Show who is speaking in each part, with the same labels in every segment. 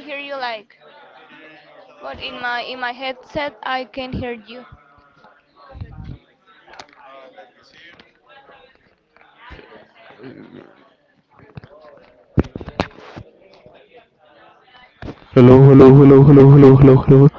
Speaker 1: Hello, here. Hello, hello, hello. Hello, hello, hello, hello, hello, hello, hello.
Speaker 2: Hello, hello, hello, hello, hello, hello, hello.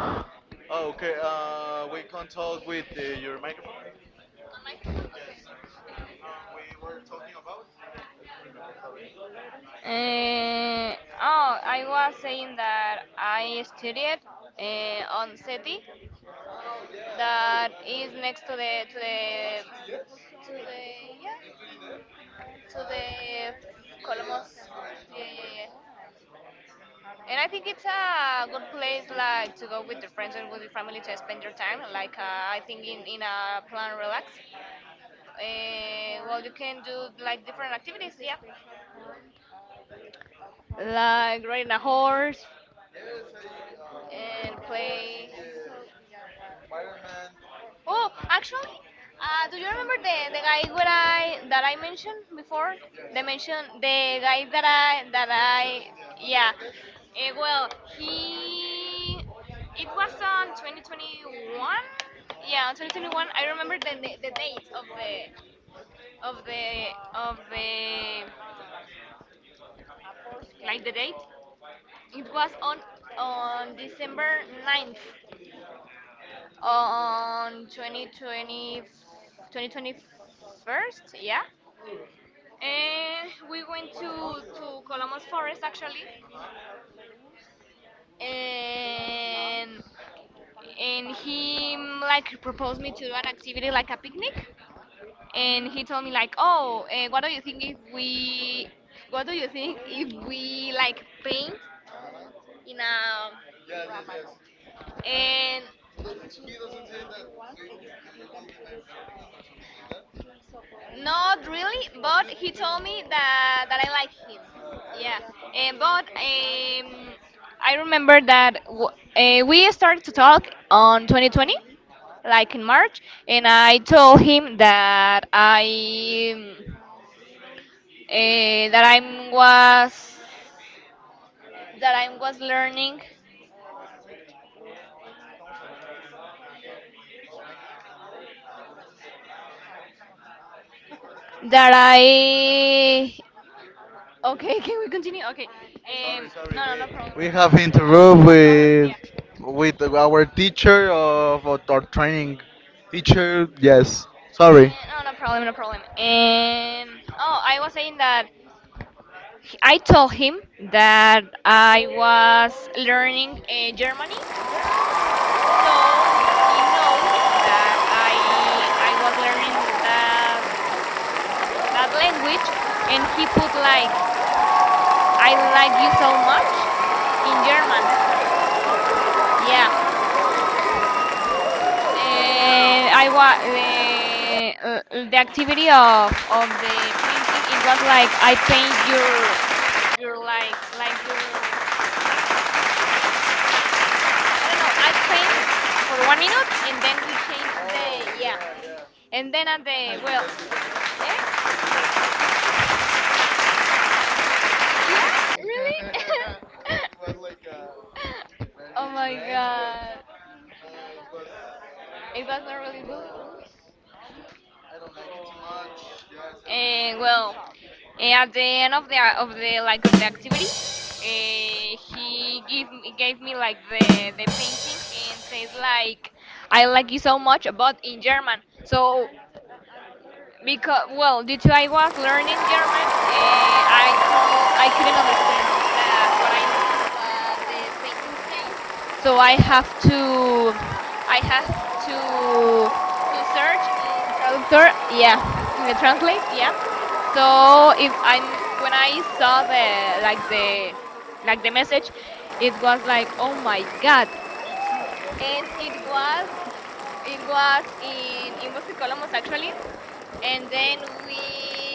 Speaker 1: I really love you, actually. Me too.